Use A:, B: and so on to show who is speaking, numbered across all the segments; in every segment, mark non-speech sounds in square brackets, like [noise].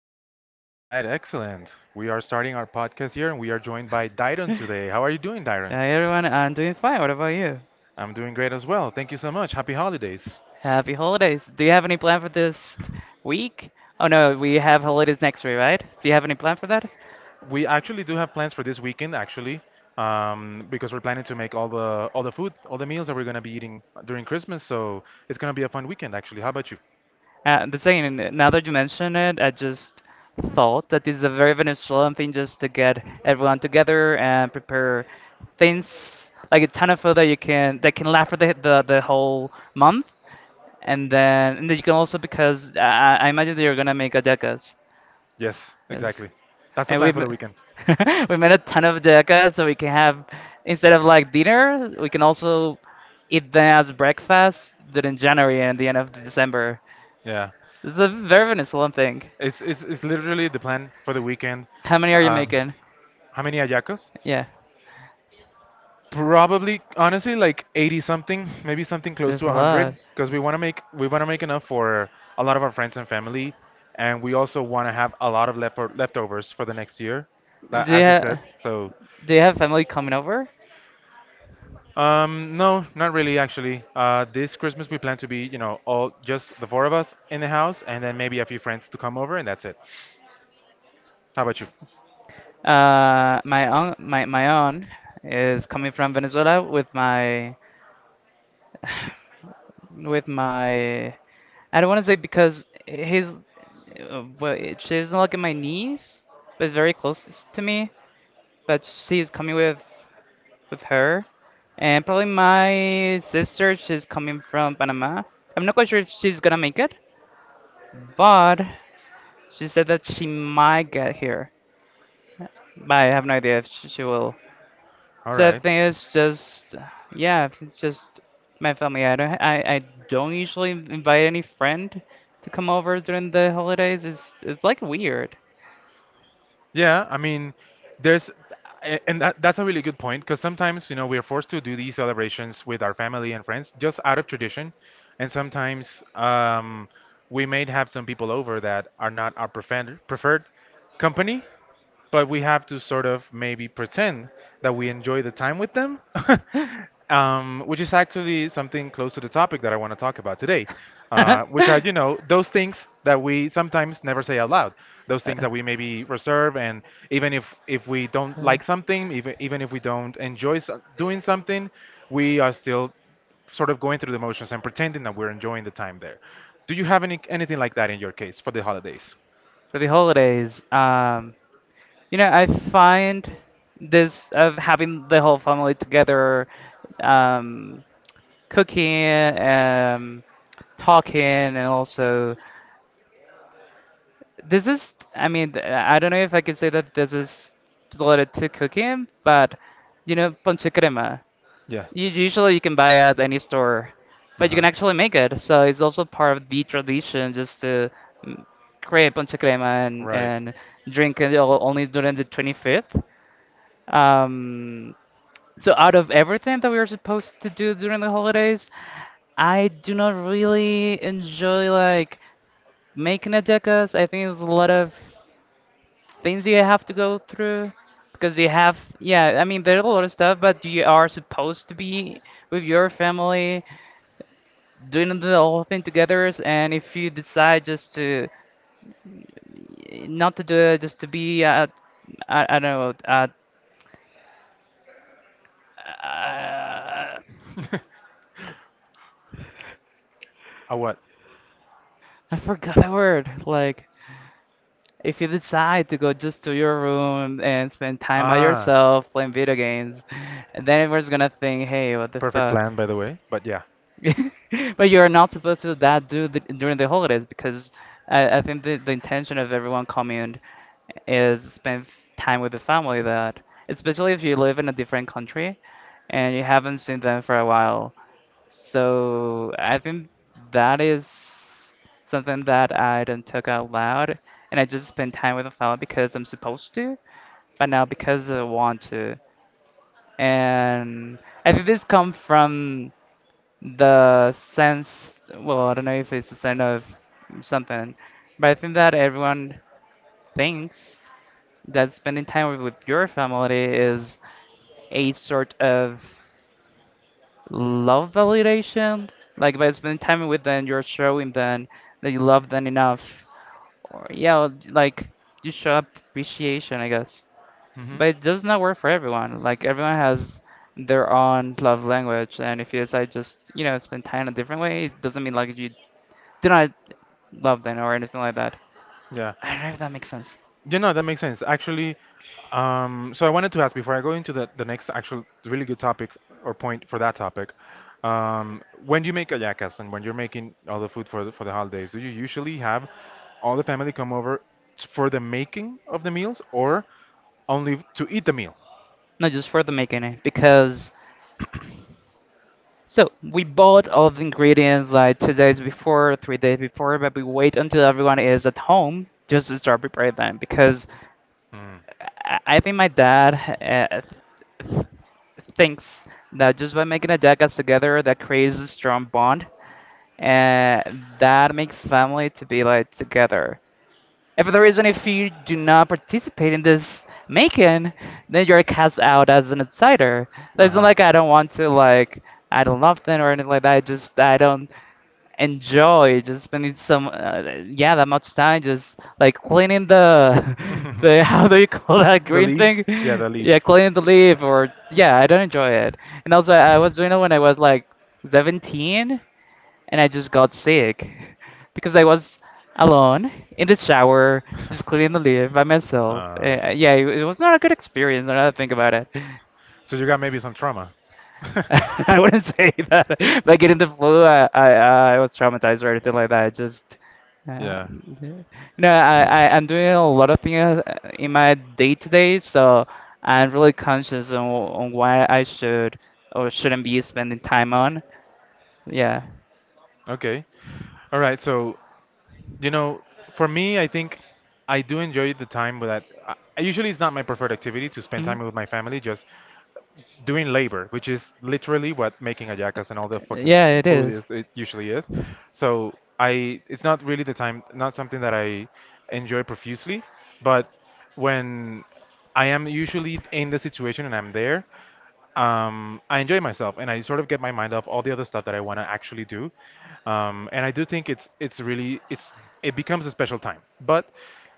A: do.
B: All right, excellent. We are starting our podcast here and we are joined by
A: [laughs]
B: Dyron
A: Hi
B: today. How are you doing, Dyron?
A: everyone, I'm doing fine. What about you?
B: I'm doing great as well. Thank you so much. Happy holidays.
A: Happy holidays. Do you have any plan for this week? Oh no, we have holidays next week, right? Do you have any plan for that?
B: We actually do have plans for this weekend, actually, because we're planning to make all the food, all the meals that we're gonna be eating during Christmas. So it's gonna be a fun weekend, actually. How about you?
A: The thing, now that you mention it, I just thought that this is a very Venezuelan thing just to get everyone together and prepare things like a ton of food that you can that can last for the whole month, and then you can also because I imagine that you're gonna make hallacas.
B: Yes,
A: Yes.
B: exactly. That's the
A: and we
B: plan for
A: m-
B: the weekend.
A: [laughs] we made a ton of deca, so we can have instead of like dinner, we can also eat them as breakfast during January and the end of December.
B: Yeah,
A: This is a very Venezuelan thing.
B: it's literally the plan for the weekend.
A: How many are you
B: Um,
A: making?
B: how many ayacos?
A: Yeah,
B: Probably, honestly, like 80 something, maybe something close
A: there's
B: to
A: a lot.
B: 100, because we want to make enough for a lot of our friends and family, and we also want to have a lot of left leftovers for the next year,
A: Do you
B: as you
A: have
B: said. So,
A: do you have family coming over?
B: no, not really actually. This Christmas we plan to be, you know, all just the four of us in the house, and then maybe a few friends to come over, and that's it. How about you?
A: My own is coming from Venezuela with my I don't want to say because his well, she doesn't look at my niece, but very close to me. But she's coming with her, and probably my sister. She's coming from Panama. I'm not quite sure if she's gonna make it, but she said that she might get here. But I have no idea if she will.
B: All
A: So I
B: right.
A: think it's just yeah, if it's just my family. I don't usually invite any friend to come over during the holidays. It's like weird.
B: Yeah, I mean, there's, a- and that, that's a really good point because sometimes, you know, we are forced to do these celebrations with our family and friends just out of tradition. And sometimes we may have some people over that are not our preferred company, but we have to sort of maybe pretend that we enjoy the time with them, [laughs] which is actually something close to the topic that I want to talk about today, which are, you
A: [laughs]
B: know, those things that we sometimes never say out loud, those
A: Uh,
B: things
A: uh,
B: that we maybe reserve, and even if we don't like something, even if we don't enjoy doing something, we are still sort of going through the motions and pretending that we're enjoying the time there. Do you have anything like that in your case for the holidays?
A: For the holidays, you know, I find this of having the whole family together. Um, cooking, um, talking, and also this is. I mean, I don't know if I can say that this is related to cooking, but you know, ponche crema.
B: Yeah.
A: You, usually you can buy at any store, but you
B: Uh-huh.
A: can actually make it. So it's also part of the tradition just to mm, create ponche crema
B: Right.
A: and drink it only during the 25th. Um, So out of everything that we were supposed to do during the holidays, I do not really enjoy like making a decas. I think there's a lot of things you have to go through because you have, yeah, I mean there's a lot of stuff, but you are supposed to be with your family doing the whole thing together. And if you decide just to not to do it, just to be at, I don't know, at, uh,
B: [laughs] A what?
A: I forgot the word, like if you decide to go just to your room and spend time by
B: Ah,
A: yourself playing video games, then everyone's gonna think, hey, what the
B: perfect
A: fuck?
B: plan, by the way. But yeah.
A: [laughs] But you're not supposed to do that do the, during the holidays because I think the intention of everyone coming is spend time with the family that especially if you live in a different country and you haven't seen them for a while. So I think that is something that I don't talk out loud and I just spend time with the family because I'm supposed to, but now because I want to. And I think this comes from the sense, well, I don't know if it's a sense of something, but I think that everyone thinks that spending time with your family is a sort of love validation. Like by spending time with them, you're showing them that you love them enough. Or yeah, like you show appreciation, I guess.
B: Hmm.
A: But it does not work for everyone. Like everyone has their own love language, and if you decide just you know spend time a different way, it doesn't mean like you do not love them or anything like that.
B: Yeah.
A: I don't know if that makes sense.
B: Yeah, no, that makes sense. Actually, so I wanted to ask before I go into the next actual really good topic or point for that topic. When you make ayacas and when you're making all the food for for the holidays, do you usually have all the family come over for the making of the meals or only to eat the meal?
A: No, just for the making it because so we bought all of the ingredients like 2 days before, 3 days before, but we wait until everyone is at home just to start preparing them because
B: Mm.
A: I think my dad th- thinks that just by making a jackass together that creates a strong bond and that makes family to be like together. If there is the if you do not participate in this making, then you're cast out as an outsider.
B: Uh
A: It's not
B: huh.
A: like I don't want to, like, I don't love them or anything like that. I just, I don't enjoy just spending some, yeah, that much time just, like, cleaning the [laughs] the,
B: [laughs]
A: how do you call that
B: The
A: green thing?
B: leaves? Yeah, the
A: Yeah,
B: leaves.
A: cleaning the leaf or, yeah, I don't enjoy it. And also, I was doing it when I was, like, 17 and I just got sick [laughs] because I was alone in the shower, just cleaning
B: [laughs]
A: the lid by myself.
B: uh,
A: Yeah, it was not a good experience. Now that I think about it,
B: so you got maybe some trauma. [laughs]
A: [laughs] I wouldn't say that [laughs] by getting the flu, I was traumatized or anything like that. Just uh,
B: Yeah.
A: no, I'm doing a lot of things in my day to day, so I'm really conscious on what I should or shouldn't be spending time on. Yeah.
B: Okay. All right. So, you know, for me, I think I do enjoy the time with that. I usually, it's not my preferred activity to spend
A: Hmm.
B: time with my family, just doing labor, which is literally what making ayacas and all the fucking, yeah,
A: Yeah, it
B: food
A: is.
B: is. It usually is. So it's not really the time, not something that I enjoy profusely. But when I am usually in the situation and I'm there, I enjoy myself and I sort of get my mind off all the other stuff that I want to actually do. And I do think it's really it becomes a special time, but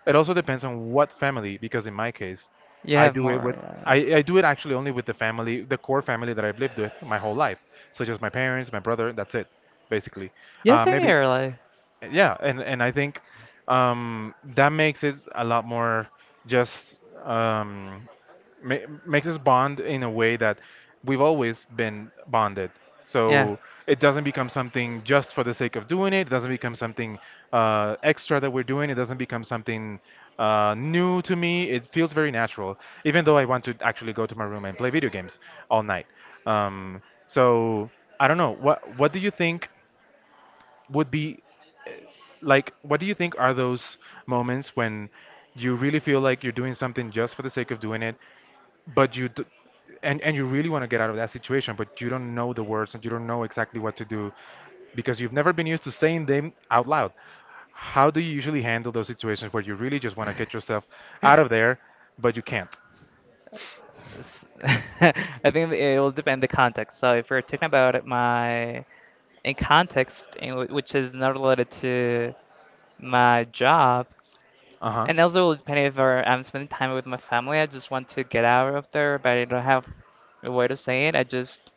B: it also depends on what family because in my case.
A: You
B: I
A: have
B: do it
A: more.
B: with I do it actually only with the family, the core family that I've lived with my whole life, such as my parents, my brother. That's it, basically.
A: Yeah, same
B: Maybe.
A: here. Like,
B: Yeah, and I think that makes it a lot more just um, ma makes us bond in a way that we've always been bonded.
A: yeah.
B: So it doesn't become something just for the sake of doing it. It doesn't become something extra that we're doing. It doesn't become something new to me. It feels very natural, even though I want to actually go to my room and play video games all night. So I don't know. What do you think would be? Like, what do you think are those moments when you really feel like you're doing something just for the sake of doing it, but you d and you really want to get out of that situation, but you don't know the words and you don't know exactly what to do because you've never been used to saying them out loud. How do you usually handle those situations where you really just want to get yourself out of there, but you can't?
A: S- [laughs] I think it will depend the context. So if we're talking about it, my in context, in which is not related to my job,
B: Uh-huh.
A: and also will depend if I'm spending time with my family. I just want to get out of there, but I don't have a way to say it. I just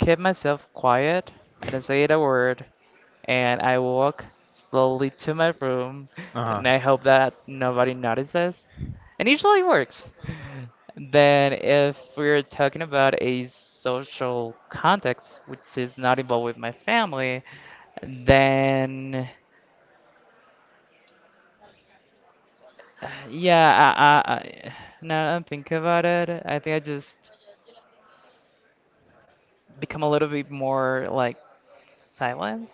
A: kept myself quiet. I didn't say a word, and I walk slowly to my room,
B: Uh-huh.
A: and I hope that nobody notices. And usually it works. Then, if we're talking about a social context which is not involved with my family, then yeah, I now that I'm thinking about it, I think I just become a little bit more like silence.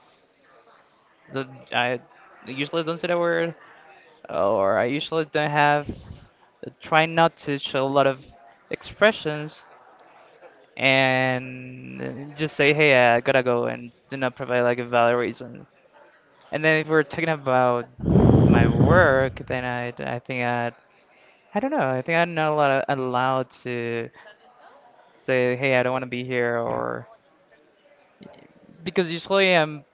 A: So I usually don't say the word, or I usually don't have, try not to show a lot of expressions and just say, hey, I gotta go and do not provide like a valid reason. And then if we're talking about my work, then I don't know, I think I'm not allowed to say, hey, I don't want to be here, or because usually I'm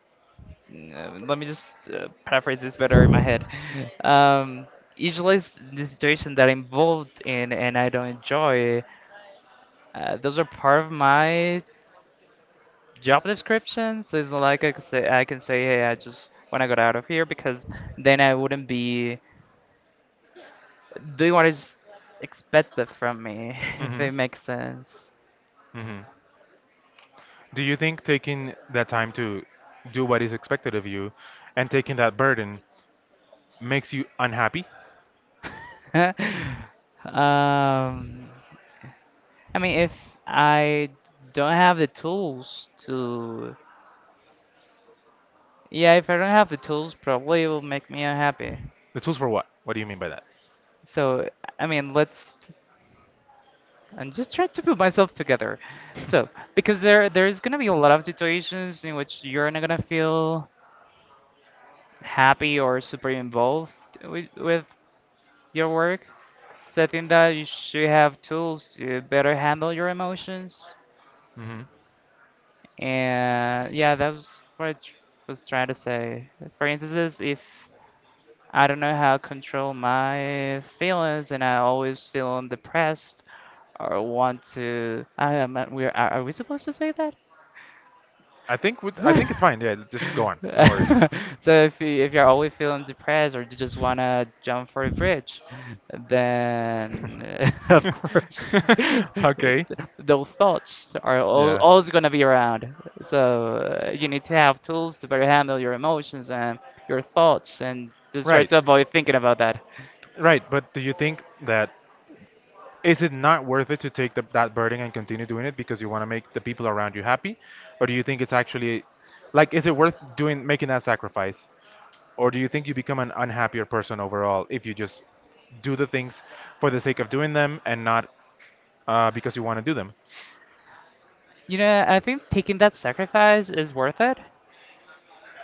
A: Let me just paraphrase this better in my head. [laughs] Um, usually, the situation that I'm involved in and I don't enjoy, those are part of my job description. So it's not like I can say, hey, I just want to get out of here because then I wouldn't be doing what is expected from me, [laughs] if
B: Mm-hmm.
A: it makes sense. [laughs]
B: Mm-hmm. Do you think taking that time to do what is expected of you and taking that burden makes you unhappy?
A: Um, I mean, if I don't have the tools to yeah, if I don't have the tools, probably it will make me unhappy.
B: The tools for what? What do you mean by that?
A: So, I mean, let's I'm just trying to put myself together. So, because there is gonna be a lot of situations in which you're not gonna feel happy or super involved with your work. So I think that you should have tools to better handle your emotions.
B: Hmm.
A: And yeah, that was what I was trying to say. For instances, if I don't know how to control my feelings, and I always feel depressed or want to. I am. We are. Are we supposed to say that?
B: I think with, I think it's fine. Yeah,
A: [laughs]
B: just go on. No worries.
A: So if you're always feeling depressed or you just wanna jump for a bridge, then [laughs] of course
B: [laughs]
A: [laughs]
B: Okay.
A: those thoughts are al
B: Yeah.
A: always gonna be around. So you need to have tools to better handle your emotions and your thoughts, and just try
B: Right.
A: to avoid thinking about that.
B: Right. But do you think that is it not worth it to take that burden and continue doing it because you want to make the people around you happy, or do you think it's actually, like, is it worth doing making that sacrifice? Or do you think you become an unhappier person overall if you just do the things for the sake of doing them and not because you want to do them?
A: You know, I think taking that sacrifice is worth it.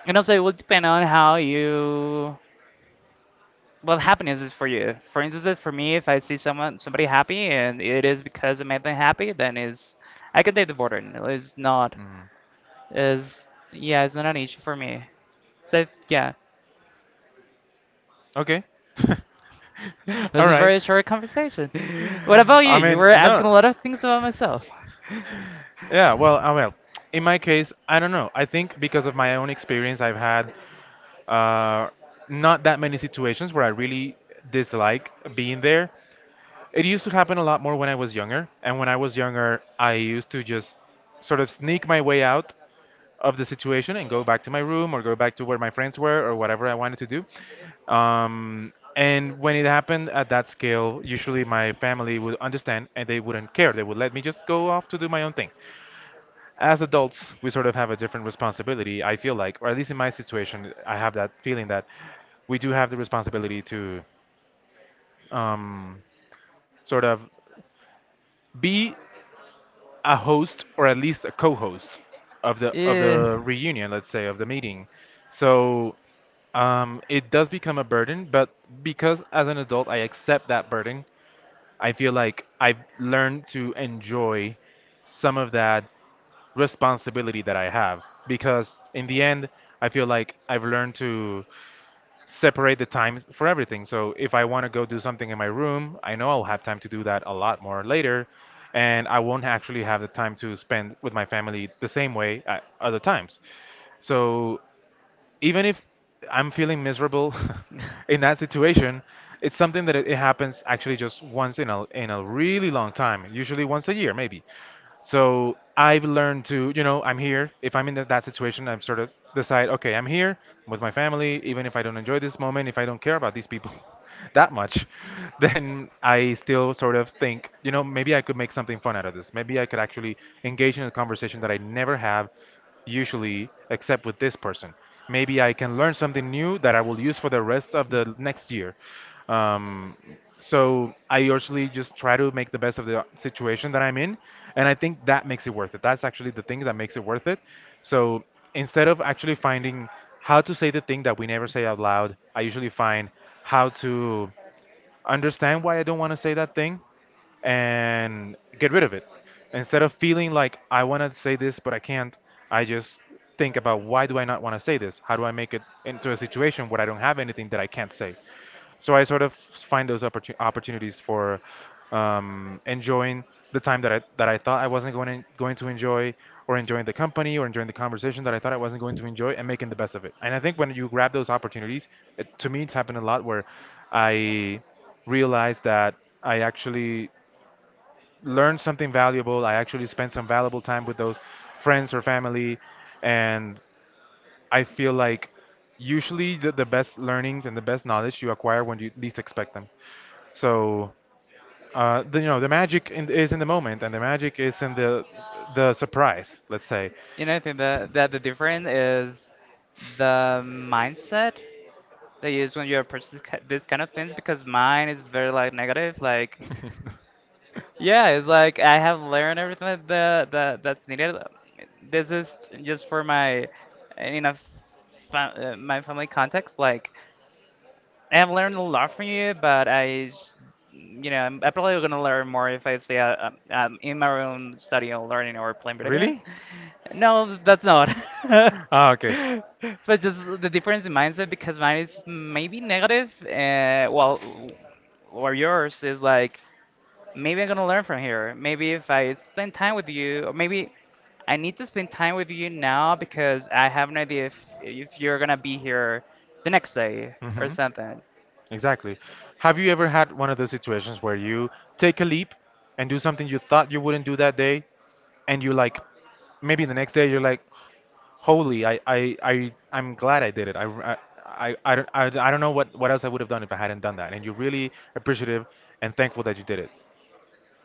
A: And also, it will depend on how you, what happiness is for you. For instance, if for me, if I see someone, somebody happy, and it is because it made them happy, then is I can take the burden. It's not, is yeah, it's not an issue for me. So yeah,
B: Okay. [laughs]
A: [laughs] it was
B: All
A: a
B: right.
A: very short conversation. [laughs] What about you?
B: I
A: You
B: mean,
A: were
B: no.
A: asking a lot of things about myself. [laughs]
B: Yeah, well, in my case, I don't know. I think because of my own experience, I've had uh, not that many situations where I really dislike being there. It used to happen a lot more when I was younger. And when I was younger, I used to just sort of sneak my way out of the situation and go back to my room or go back to where my friends were or whatever I wanted to do. And when it happened at that scale, usually my family would understand and they wouldn't care. They would let me just go off to do my own thing. As adults, we sort of have a different responsibility, I feel like, or at least in my situation, I have that feeling that we do have the responsibility to um, sort of be a host or at least a co-host of the
A: Yeah.
B: reunion, let's say, of the meeting. So it does become a burden, but because as an adult I accept that burden, I feel like I've learned to enjoy some of that responsibility that I have because in the end I feel like I've learned to separate the times for everything. So if I want to go do something in my room, I know I'll have time to do that a lot more later, and I won't actually have the time to spend with my family the same way at other times. So even if I'm feeling miserable [laughs] in that situation, it's something that it happens actually just once in a really long time, usually once a year maybe. So I've learned to, you know, I'm here. If I'm in that situation, I've sort of decide, okay, I'm here with my family, even if I don't enjoy this moment, if I don't care about these people [laughs] that much, then I still sort of think, you know, maybe I could make something fun out of this. Maybe I could actually engage in a
A: [laughs]
B: conversation that I never have usually except with this person. Maybe I can learn something new that I will use for the rest of the next year. Um, so I usually just try to make the best of the situation that I'm in, and I think that makes it worth it. That's actually the thing that makes it worth it. So instead of actually finding how to say the thing that we never say out loud, I usually find how to understand why I don't want to say that thing and get rid of it. Instead of feeling like I want to say this but I can't, I just think about, why do I not want to say this? How do I make it into a situation where I don't have anything that I can't say? So I sort of find those opportunities for enjoying the time that I thought I wasn't going to enjoy, or enjoying the company or enjoying the conversation that I thought I wasn't going to enjoy, and making the best of it. And I think when you grab those opportunities, to me it's happened a lot where I realized that I actually learned something valuable. I actually spent some valuable time with those friends or family, and I feel like usually the best learnings and the best knowledge you acquire when you least expect them. So you know, the magic is in the moment and the magic is in the surprise, let's say.
A: You know, I think that, that the difference is the mindset that you use when you approach this, this kind of things because mine is very like negative. Like, yeah, it's like I have learned everything that, that's needed. This is just for my, you know, my family context. Like,
B: [laughs]
A: I've learned a lot from you, but you know, I'm probably gonna learn more if I stay in my own study and learning or playing video games.
B: Really?
A: No, that's not. [laughs]
B: [laughs] Ah, okay.
A: But just the difference in mindset because mine is maybe negative, or yours is like maybe I'm gonna learn from here. Maybe if I spend time with you, or maybe I need to spend time with you now because I have no idea if you're gonna be here the next day
B: hmm
A: or
B: Exactly.
A: something.
B: Exactly. Have you ever had one of those situations where you take a leap and do something you thought you wouldn't do that day, and maybe the next day you're like, holy, I'm glad I did it. I don't, I don't know what else I would have done if I hadn't done that. And you're really appreciative and thankful that you did it.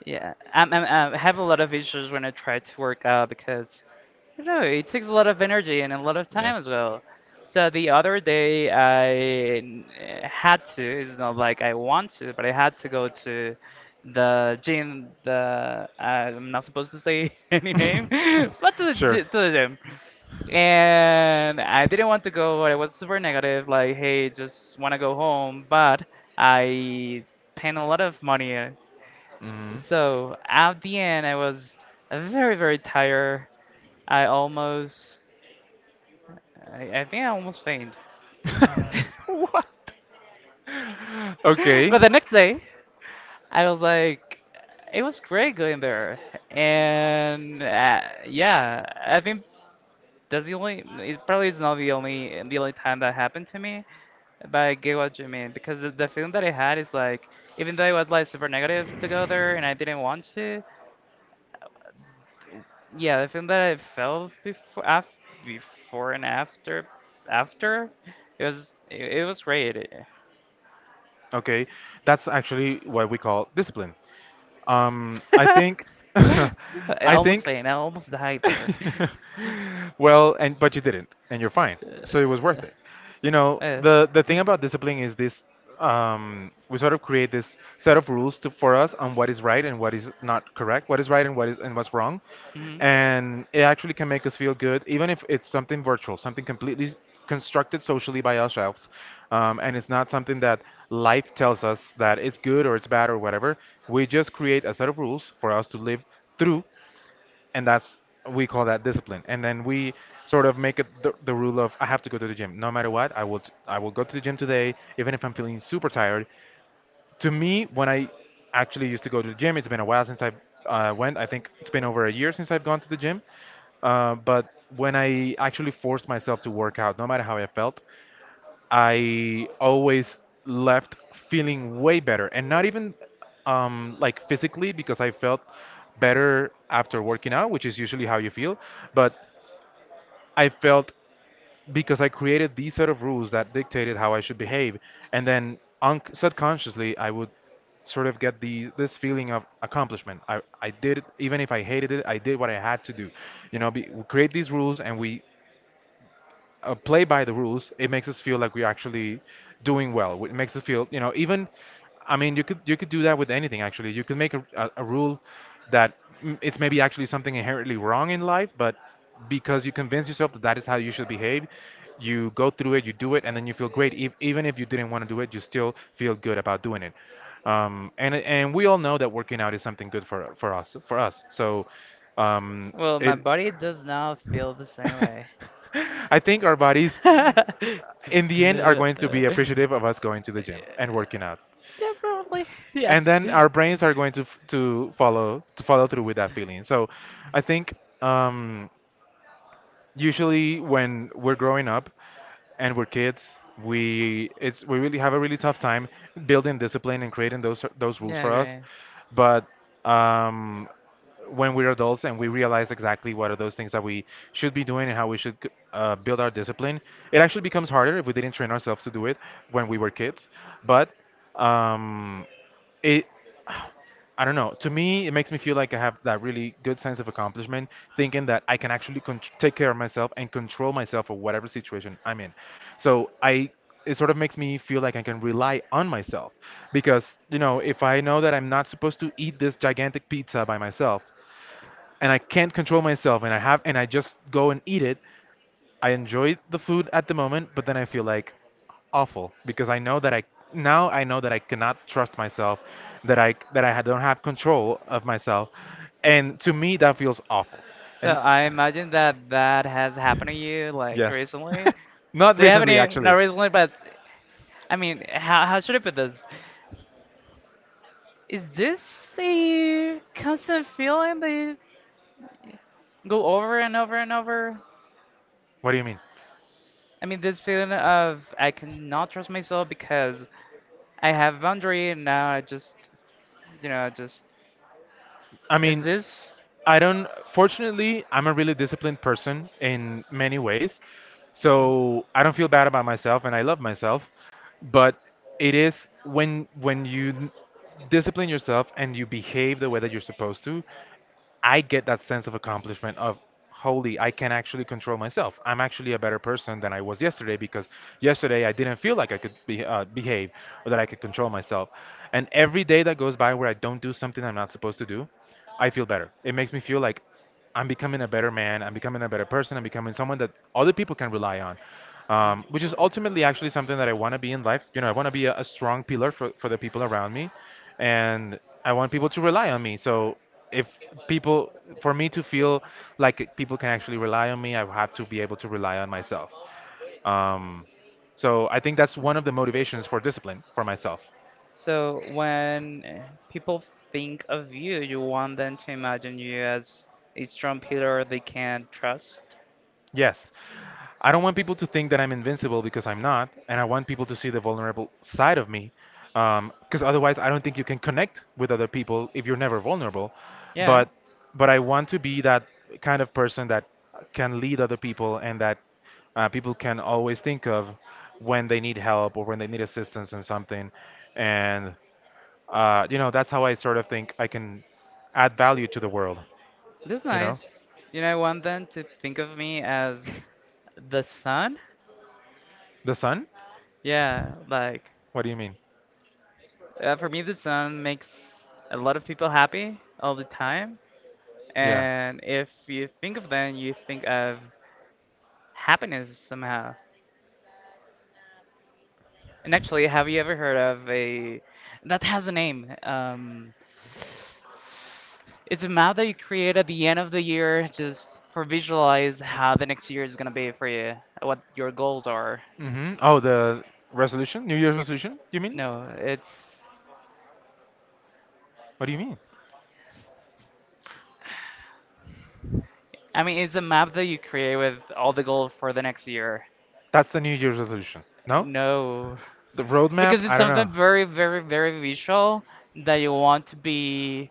A: I have a lot of issues when I try to work out because, you know, it takes a lot of energy and a lot of time
B: Yes.
A: as well. So the other day I had to, it's not like I want to, but I had to go to the gym, the, I'm not supposed to say [laughs] any name,
B: [laughs]
A: [laughs] but to the,
B: Sure.
A: gy- to the gym. And I didn't want to go, but I was super negative, like, hey, just want to go home, but I spent a lot of money,
B: Mhm.
A: so at the end, I was very, very tired. I almost, I think I almost faint.
B: [laughs]
A: [laughs]
B: What? Okay.
A: But the next day, I was like, it was great going there. And yeah, I think that's it probably is not the only time that happened to me. But I get what you mean because the feeling that I had is like, even though it was like super negative to go there and I didn't want to, yeah, the thing that I felt before and after, it was great. It-
B: Okay, that's actually what we call discipline. Um,
A: [laughs]
B: I think, [laughs]
A: I
B: I
A: almost
B: think,
A: faint. I almost died there. [laughs]
B: [laughs] well, and but you didn't, and you're fine, so it was worth it. You know, the thing
A: Yes.
B: about discipline is this: we sort of create this set of rules for us on what is right and what is not correct, what is right and what's wrong,
A: Mhm.
B: and it actually can make us feel good, even if it's something virtual, something completely constructed socially by ourselves, and it's not something that life tells us that it's good or it's bad or whatever. We just create a set of rules for us to live through, and that's we call that discipline. And then we sort of make it the rule of I have to go to the gym no matter what. I will go to the gym today, even if I'm feeling super tired. To me, when I actually used to go to the gym, it's been a while since I went. I think it's been over a year since I've gone to the gym. But when I actually forced myself to work out, no matter how I felt, I always left feeling way better and not even like physically because I felt better after working out, which is usually how you feel. But I felt because I created these set of rules that dictated how I should behave, and then subconsciously I would sort of get the this feeling of accomplishment. I did it, even if I hated it, I did what I had to do. You know, we create these rules and we play by the rules, it makes us feel like we're actually doing well. It makes us feel, you know, I mean, you could do that with anything actually. You could make a rule that it's maybe actually something inherently wrong in life, but because you convince yourself that that is how you should behave, you go through it, you do it, and then you feel great. If, even if you didn't want to do it, you still feel good about doing it. And we all know that working out is something good for for us. So, um,
A: Well, my
B: it.
A: body does not feel the same way.
B: [laughs] I think our bodies in the
A: [laughs]
B: end are going to be appreciative of us going to the gym and working out
A: Yeah, probably. [laughs] Yes.
B: and then our brains are going to follow to follow through with that feeling. So I think um Usually when we're growing up and we're kids, we it's we really have a really tough time building discipline and creating those rules
A: Yeah,
B: for us.
A: great.
B: But um, when we're adults and we realize exactly what are those things that we should be doing and how we should build our discipline, it actually becomes harder if we didn't train ourselves to do it when we were kids. But um, it. I don't know. To me, it makes me feel like I have that really good sense of accomplishment, thinking that I can actually take care of myself and control myself for whatever situation I'm in. So I, it sort of makes me feel like I can rely on myself, because you know, if I know that I'm not supposed to eat this gigantic pizza by myself, and I can't control myself, and I just go and eat it, I enjoy the food at the moment, but then I feel like awful because I know that I now I know that I cannot trust myself, that I don't have control of myself, and to me that feels awful.
A: So
B: And
A: I imagine that that has happened to you like
B: yes,
A: recently.
B: [laughs] not
A: Do you have
B: recently
A: any? Not
B: actually.
A: recently, but I mean, how should I put this? Is this a constant feeling that you go over and over and over?
B: What do you mean?
A: I mean, this feeling of I cannot trust myself because I have boundary and now I just, you know, I just.
B: I
A: Is
B: mean.
A: this?
B: I don't. Fortunately, I'm a really disciplined person in many ways, so I don't feel bad about myself, and I love myself. But it is when you discipline yourself and you behave the way that you're supposed to, I get that sense of accomplishment of holy, I can actually control myself. I'm actually a better person than I was yesterday because yesterday I didn't feel like I could behave or that I could control myself. And every day that goes by where I don't do something I'm not supposed to do, I feel better. It makes me feel like I'm becoming a better man. I'm becoming a better person. I'm becoming someone that other people can rely on, which is ultimately actually something that I want to be in life. You know, I want to be a strong pillar for the people around me, and I want people to rely on me. So if people, for me to feel like people can actually rely on me, I have to be able to rely on myself. Um, so I think that's one of the motivations for discipline for myself.
A: So when people think of you, you want them to imagine you as a strong pillar they can trust.
B: Yes. I don't want people to think that I'm invincible because I'm not, and I want people to see the vulnerable side of me. Because otherwise, I don't think you can connect with other people if you're never vulnerable.
A: Yeah,
B: But but I want to be that kind of person that can lead other people and that people can always think of when they need help or when they need assistance in something. And you know, that's how I sort of think I can add value to the world.
A: that's
B: You know,
A: nice. You know, I want them to think of me as the sun.
B: the sun?
A: Yeah, like
B: What do you mean?
A: for me, the sun makes a lot of people happy all the time.
B: Yeah.
A: And if you think of them, you think of happiness somehow. And actually, have you ever heard of a that has a name? It's a map that you create at the end of the year just for visualize how the next year is gonna be for you, what your goals are.
B: Oh, the resolution, New Year's resolution. You mean?
A: No, it's
B: What do you mean?
A: I mean it's a map that you create with all the goals for the next year.
B: That's the New Year's resolution. No,
A: No.
B: the roadmap.
A: Because it's
B: I don't
A: something
B: know.
A: very, very, very visual that you want to be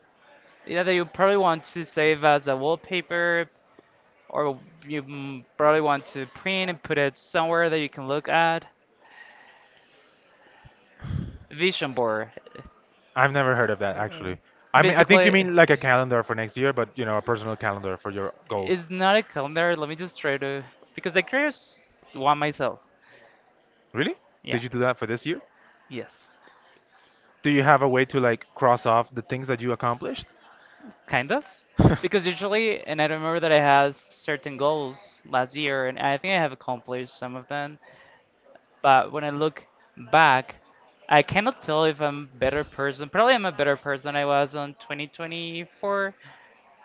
A: yeah, that you probably want to save as a wallpaper or you probably want to print and put it somewhere that you can look at. Vision board.
B: I've never heard of that actually. I mean, I think you
A: Basically,
B: mean like a calendar for next year, but you know, a personal calendar for your goals.
A: it's not a calendar. Let me just try to because I created one myself.
B: Really?
A: Yeah.
B: Did you do that for this year?
A: Yes.
B: Do you have a way to like cross off the things that you accomplished?
A: Kind of. Because usually, and I remember that I had certain goals last year, and I think I have accomplished some of them. But when I look back, I cannot tell if I'm a better person. Probably I'm a better person I was on 2024,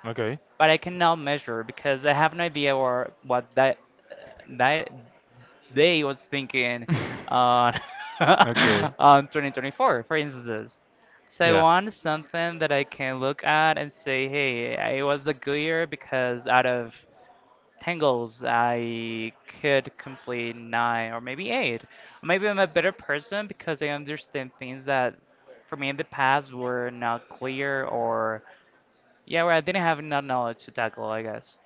B: [laughs] Okay.
A: but I cannot measure because I have no idea or what that they was thinking on
B: [laughs] okay.
A: [laughs] on 2024, for instance. So I
B: Yeah.
A: want something that I can look at and say, hey, it was a good year because out of 10 goals, I could complete nine or maybe eight. Maybe I'm a better person because I understand things that for me in the past were not clear or yeah, where I didn't have enough knowledge to tackle, I guess.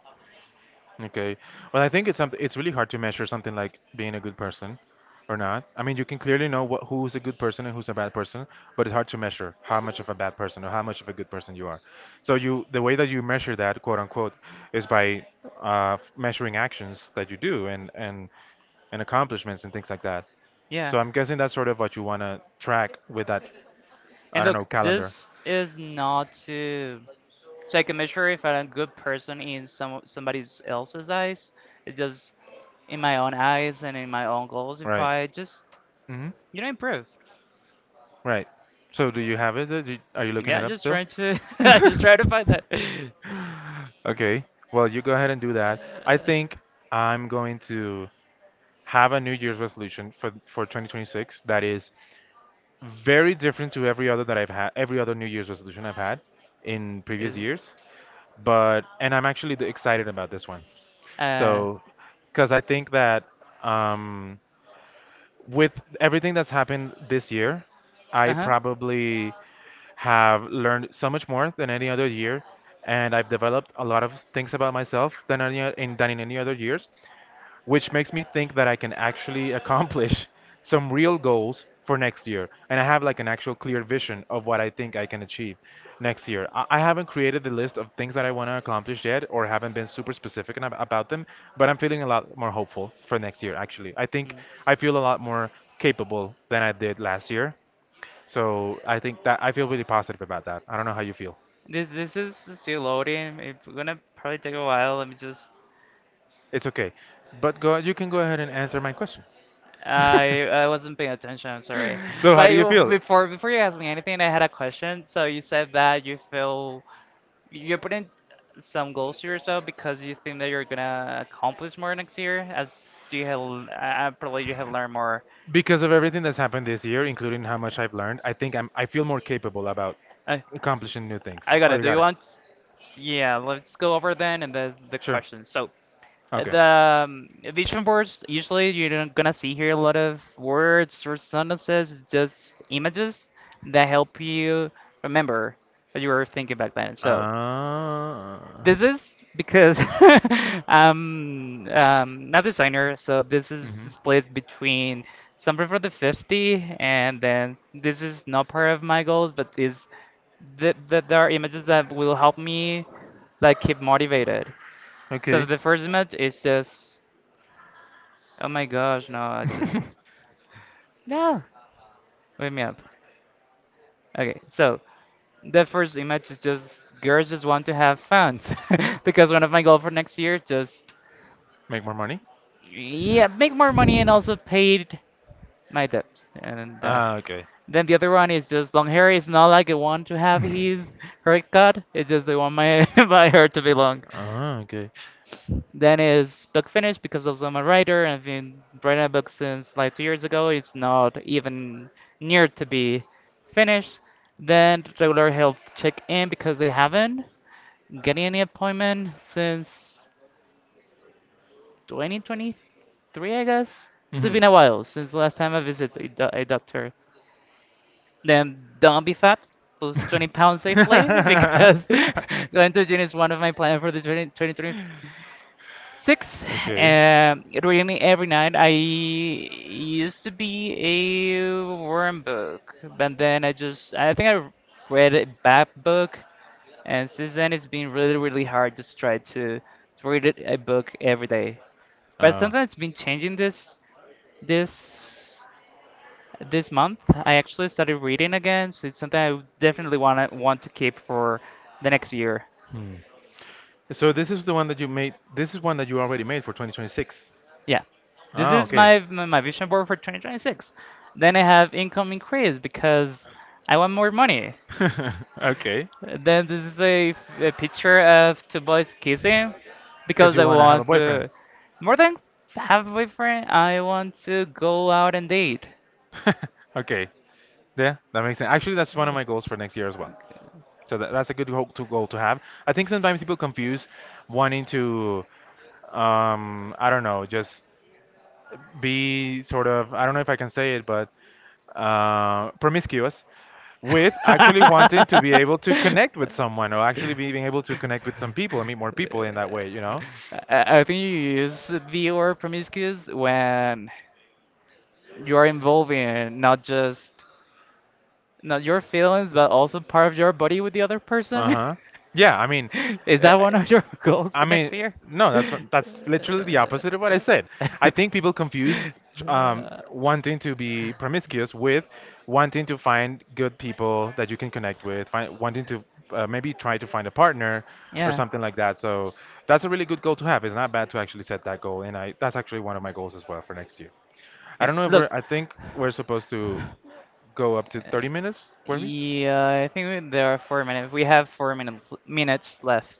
B: Okay. Well, I think it's something. It's really hard to measure something like being a good person or not. I mean, you can clearly know what who's a good person and who's a bad person, but it's hard to measure how much of a bad person or how much of a good person you are. The way that you measure that, quote unquote, is by measuring actions that you do and accomplishments and things like that.
A: Yeah.
B: So I'm guessing that's sort of what you want to track with that,
A: And
B: I don't know,
A: look,
B: calendar,
A: this is not to so I can measure if I'm a good person in some somebody else's eyes. It's just in my own eyes and in my own goals. If
B: right?
A: I just
B: hmm
A: you know improve,
B: Right. So do you have it? Are you looking
A: yeah,
B: it
A: I'm
B: up
A: just
B: still?
A: trying to [laughs] I just try to
B: [laughs]
A: find that.
B: Okay. Well, you go ahead and do that. I
A: Uh,
B: think I'm going to have a New Year's resolution for 2026 that is very different to every other that I've had, every other New Year's resolution I've had in
A: is
B: previous years. But and I'm actually excited about this one.
A: uh
B: So, because I think that um, with everything that's happened this year, I
A: uh huh.
B: probably have learned so much more than any other year, and I've developed a lot of things about myself than than in any other years, which makes me think that I can actually accomplish [laughs] some real goals for next year. And I have like an actual clear vision of what I think I can achieve next year. I haven't created the list of things that I want to accomplish yet, or haven't been super specific enough about them, but I'm feeling a lot more hopeful for next year, actually. I think I feel a lot more capable than I did last year. So I think that I feel really positive about that. I don't know how you feel.
A: This this is still loading. It's gonna probably take a while. Let me just.
B: It's okay. You can go ahead and answer my question. [laughs]
A: I wasn't paying attention. I'm sorry.
B: So how
A: But
B: do you
A: you-
B: feel?
A: before you ask me anything, I had a question. So you said that you feel you're putting some goals to yourself because you think that you're gonna accomplish more next year, as you have probably you have learned more.
B: Because of everything that's happened this year, including how
A: Yeah.
B: much I've learned, I think I'm I feel more capable about
A: I
B: accomplishing new things.
A: I got
B: Oh,
A: it.
B: you
A: Do you
B: got it.
A: want? Yeah, let's go over then and the
B: Sure.
A: questions. So,
B: Okay.
A: the vision boards, usually you're not gonna see here a lot of words or sentences, it's just images that help you remember what you were thinking back then. So
B: Ah.
A: this is because [laughs] I'm not a designer, so this is
B: Mhm.
A: split between something for the 50, and then this is not part of my goals, but is th th there are images that will help me like keep motivated. So
B: Okay.
A: the first image is just oh my gosh, no, I just
B: [laughs]
A: no. Wake me up. Okay, so the first image is just girls just want to have fun [laughs] because one of my goals for next year is just
B: Make more money?
A: yeah, make more money and also paid my debts and that.
B: Ah, okay.
A: Then the other one is just long hair. It's not like I want to have his haircut. It's just I want my [laughs] my hair to be long.
B: Ah, okay.
A: Then is book finished because also I'm a writer and I've been writing a book since like 2 years ago. It's not even near to be finished. Then regular health check in because they haven't getting any appointment since 2023, I guess.
B: it's
A: So
B: hmm
A: it's been a while since the last time I visited a, do- a doctor. Then don't be
B: do
A: fat, lose 20 pounds safely [laughs] because [laughs] going to the gym is one of my plans for the 2023.
B: [laughs]
A: Six,
B: [laughs] okay. between
A: really every night. I used to be a worm book, but then I just, I think I read a bad book, and since then it's been really, really hard just try to read it- a book every day. But
B: Uh,
A: something that's been changing this, this month. I actually started reading again, so it's something I would definitely wanna want to keep for the next year.
B: hmm. So this is the one that you made. This is one that you already made for 2026.
A: Yeah, this
B: Ah,
A: is
B: okay.
A: my my vision board for 2026. Then I have income increase because I want more money.
B: [laughs] okay.
A: Then this is a picture of two boys kissing
B: Because
A: because
B: you
A: I
B: want to have a
A: want
B: boyfriend.
A: to more than have a boyfriend. I want to go out and date.
B: [laughs] okay. Yeah, that makes sense. Actually, that's one of my goals for next year as well. That's a good goal goal to have. I think sometimes people confuse wanting to, I don't know, just be sort of, I don't know if I can say it, but promiscuous with actually wanting to be able
A: [laughs]
B: to connect with someone or actually being able to connect with some people and meet more people in that way, you know?
A: I think you use the word promiscuous when you are involving not just not your feelings, but also part of your body with the other person.
B: Uh-huh. Yeah, I mean,
A: [laughs] Is
B: eh,
A: that one of your [laughs] goals
B: I
A: for next
B: mean,
A: year?
B: no, that's that's literally the opposite of what I said.
A: [laughs]
B: I think people confuse
A: Uh,
B: wanting to be promiscuous with wanting to find good people that you can connect with, wanting to maybe try to find a partner or
A: yeah.
B: something like that. So that's a really good goal to have. It's not bad to actually set that goal, and I that's actually one of my goals as well for next year. I
A: Yeah.
B: don't know if
A: Look,
B: we're. I think we're supposed to go up to 30 minutes, were we?
A: yeah, I think we, there are 4 minutes. We have four minutes left.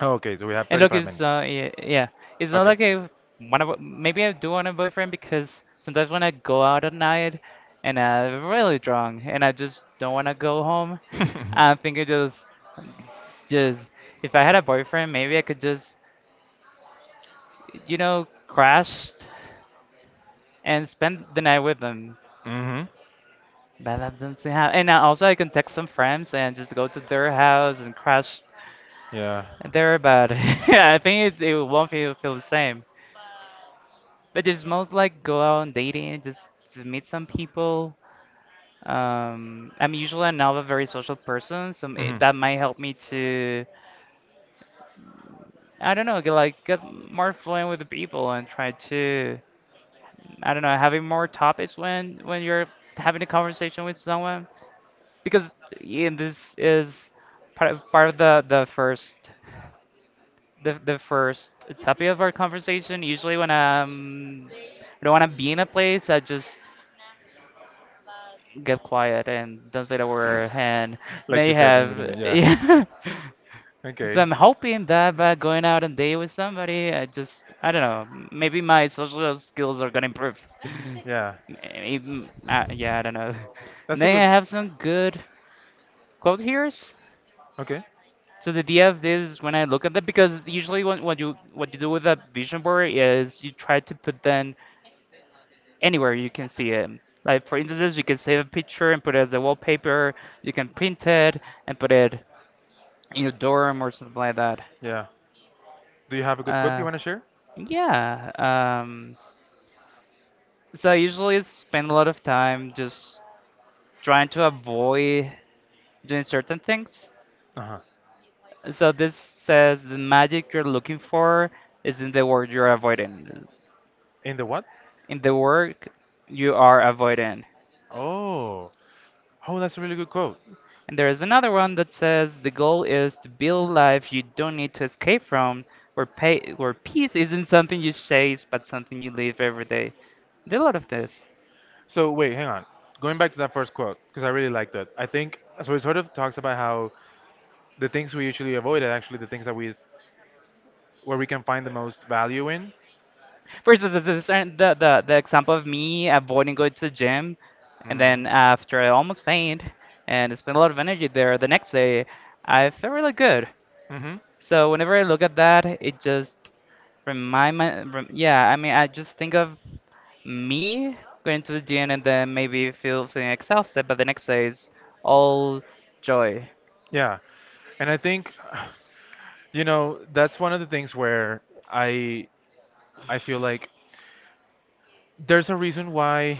B: Oh, okay, so we have
A: And look,
B: 35
A: it's
B: minutes.
A: uh, it's not
B: Okay.
A: like I want to. Maybe I do want a boyfriend because sometimes when I go out at night and I'm really drunk and I just don't want to go home, I
B: [laughs]
A: think it just if I had a boyfriend, maybe I could just, you know, crash and spend the night with them.
B: Mm-hmm.
A: But that doesn't seem how. And I- also, I can text some friends and just go to their house and crash
B: Yeah.
A: there. But [laughs] I think it, it won't feel the same. But it's most like go out on dating and just to meet some people. I'm usually not a very social person, so may-
B: Mm-hmm.
A: that might help me to, I don't know, get like get more fluent with the people and try to, I don't know, having more topics when you're having a conversation with someone because yeah, this is part of the first the first topic of our conversation. Usually when I'm I don't want to be in a place. I just get quiet and don't say the word. And now
B: Like you
A: you
B: said in the
A: have,
B: beginning.
A: [laughs]
B: Yeah.
A: yeah. So
B: Okay.
A: I'm hoping that by going out and date with somebody, I just, I don't know, maybe my social skills are gonna improve.
B: Yeah.
A: [laughs] Even, yeah, I don't know. [laughs] And
B: That's a
A: then
B: good.
A: I have some good quote here. So
B: Okay.
A: the idea of this is when I look at them, because usually when, what you do with a vision board is you try to put them anywhere you can see it. Like for instance, you can save a picture and put it as a wallpaper. You can print it and put it in your dorm or something like that.
B: Yeah. Do you have a good quote you
A: Uh,
B: want to share?
A: yeah. Um, so I usually spend a lot of time just trying to avoid doing certain things.
B: Uh-huh.
A: So this says the magic you're looking for is in the work you're avoiding,
B: In the what?
A: in the work you are avoiding.
B: Oh. Oh, that's a really good quote.
A: And there is another one that says the goal is to build life you don't need to escape from, where pay, where peace isn't something you chase but something you live every day. There a lot of this.
B: So wait, hang on. Going back to that first quote, because I really liked that. I think so. It sort of talks about how the things we usually avoid are actually the things that we where we can find the most value in.
A: For instance, the example of me avoiding going to the gym, and then
B: Mm.
A: after I almost faint and spent a lot of energy there, the next day I felt really good.
B: hmm
A: So whenever I look at that, it just yeah, I mean, I just think of me going to the gym and then maybe feel feeling exhausted, but the next day is all joy.
B: Yeah. And I think, [sighs] you know, that's one of the things where I I feel like there's a reason why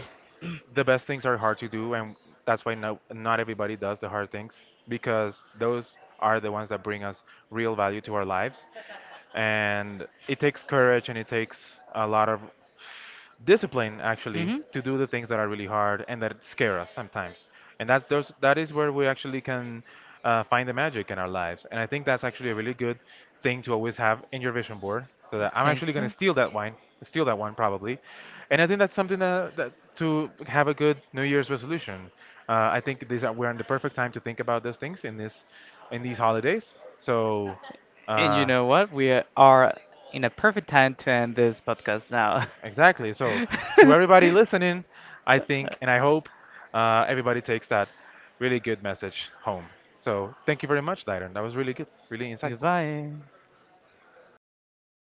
B: the best things are hard to do, and that's why not everybody does the hard things because those are the ones that bring us real value to our lives. And it takes courage and it takes a lot of discipline actually
A: Hmm.
B: to do the things that are really hard and that scare us sometimes. And that's those That is where we actually can find the magic in our lives, and I think that's actually a really good thing to always have in your vision board, so that I'm actually
A: Thank
B: going
A: you.
B: to steal that one probably. And I think that's something that, that to have a good New Year's resolution. I think these are we're in the perfect time to think about those things in these holidays.
A: And you
B: Uh,
A: know what? We are in a perfect time to end this podcast now.
B: Exactly. So, to
A: [laughs]
B: everybody listening, I think and I hope everybody takes that really good message home. So, thank you very much, Dyron. That was really good, really insightful.
A: Goodbye.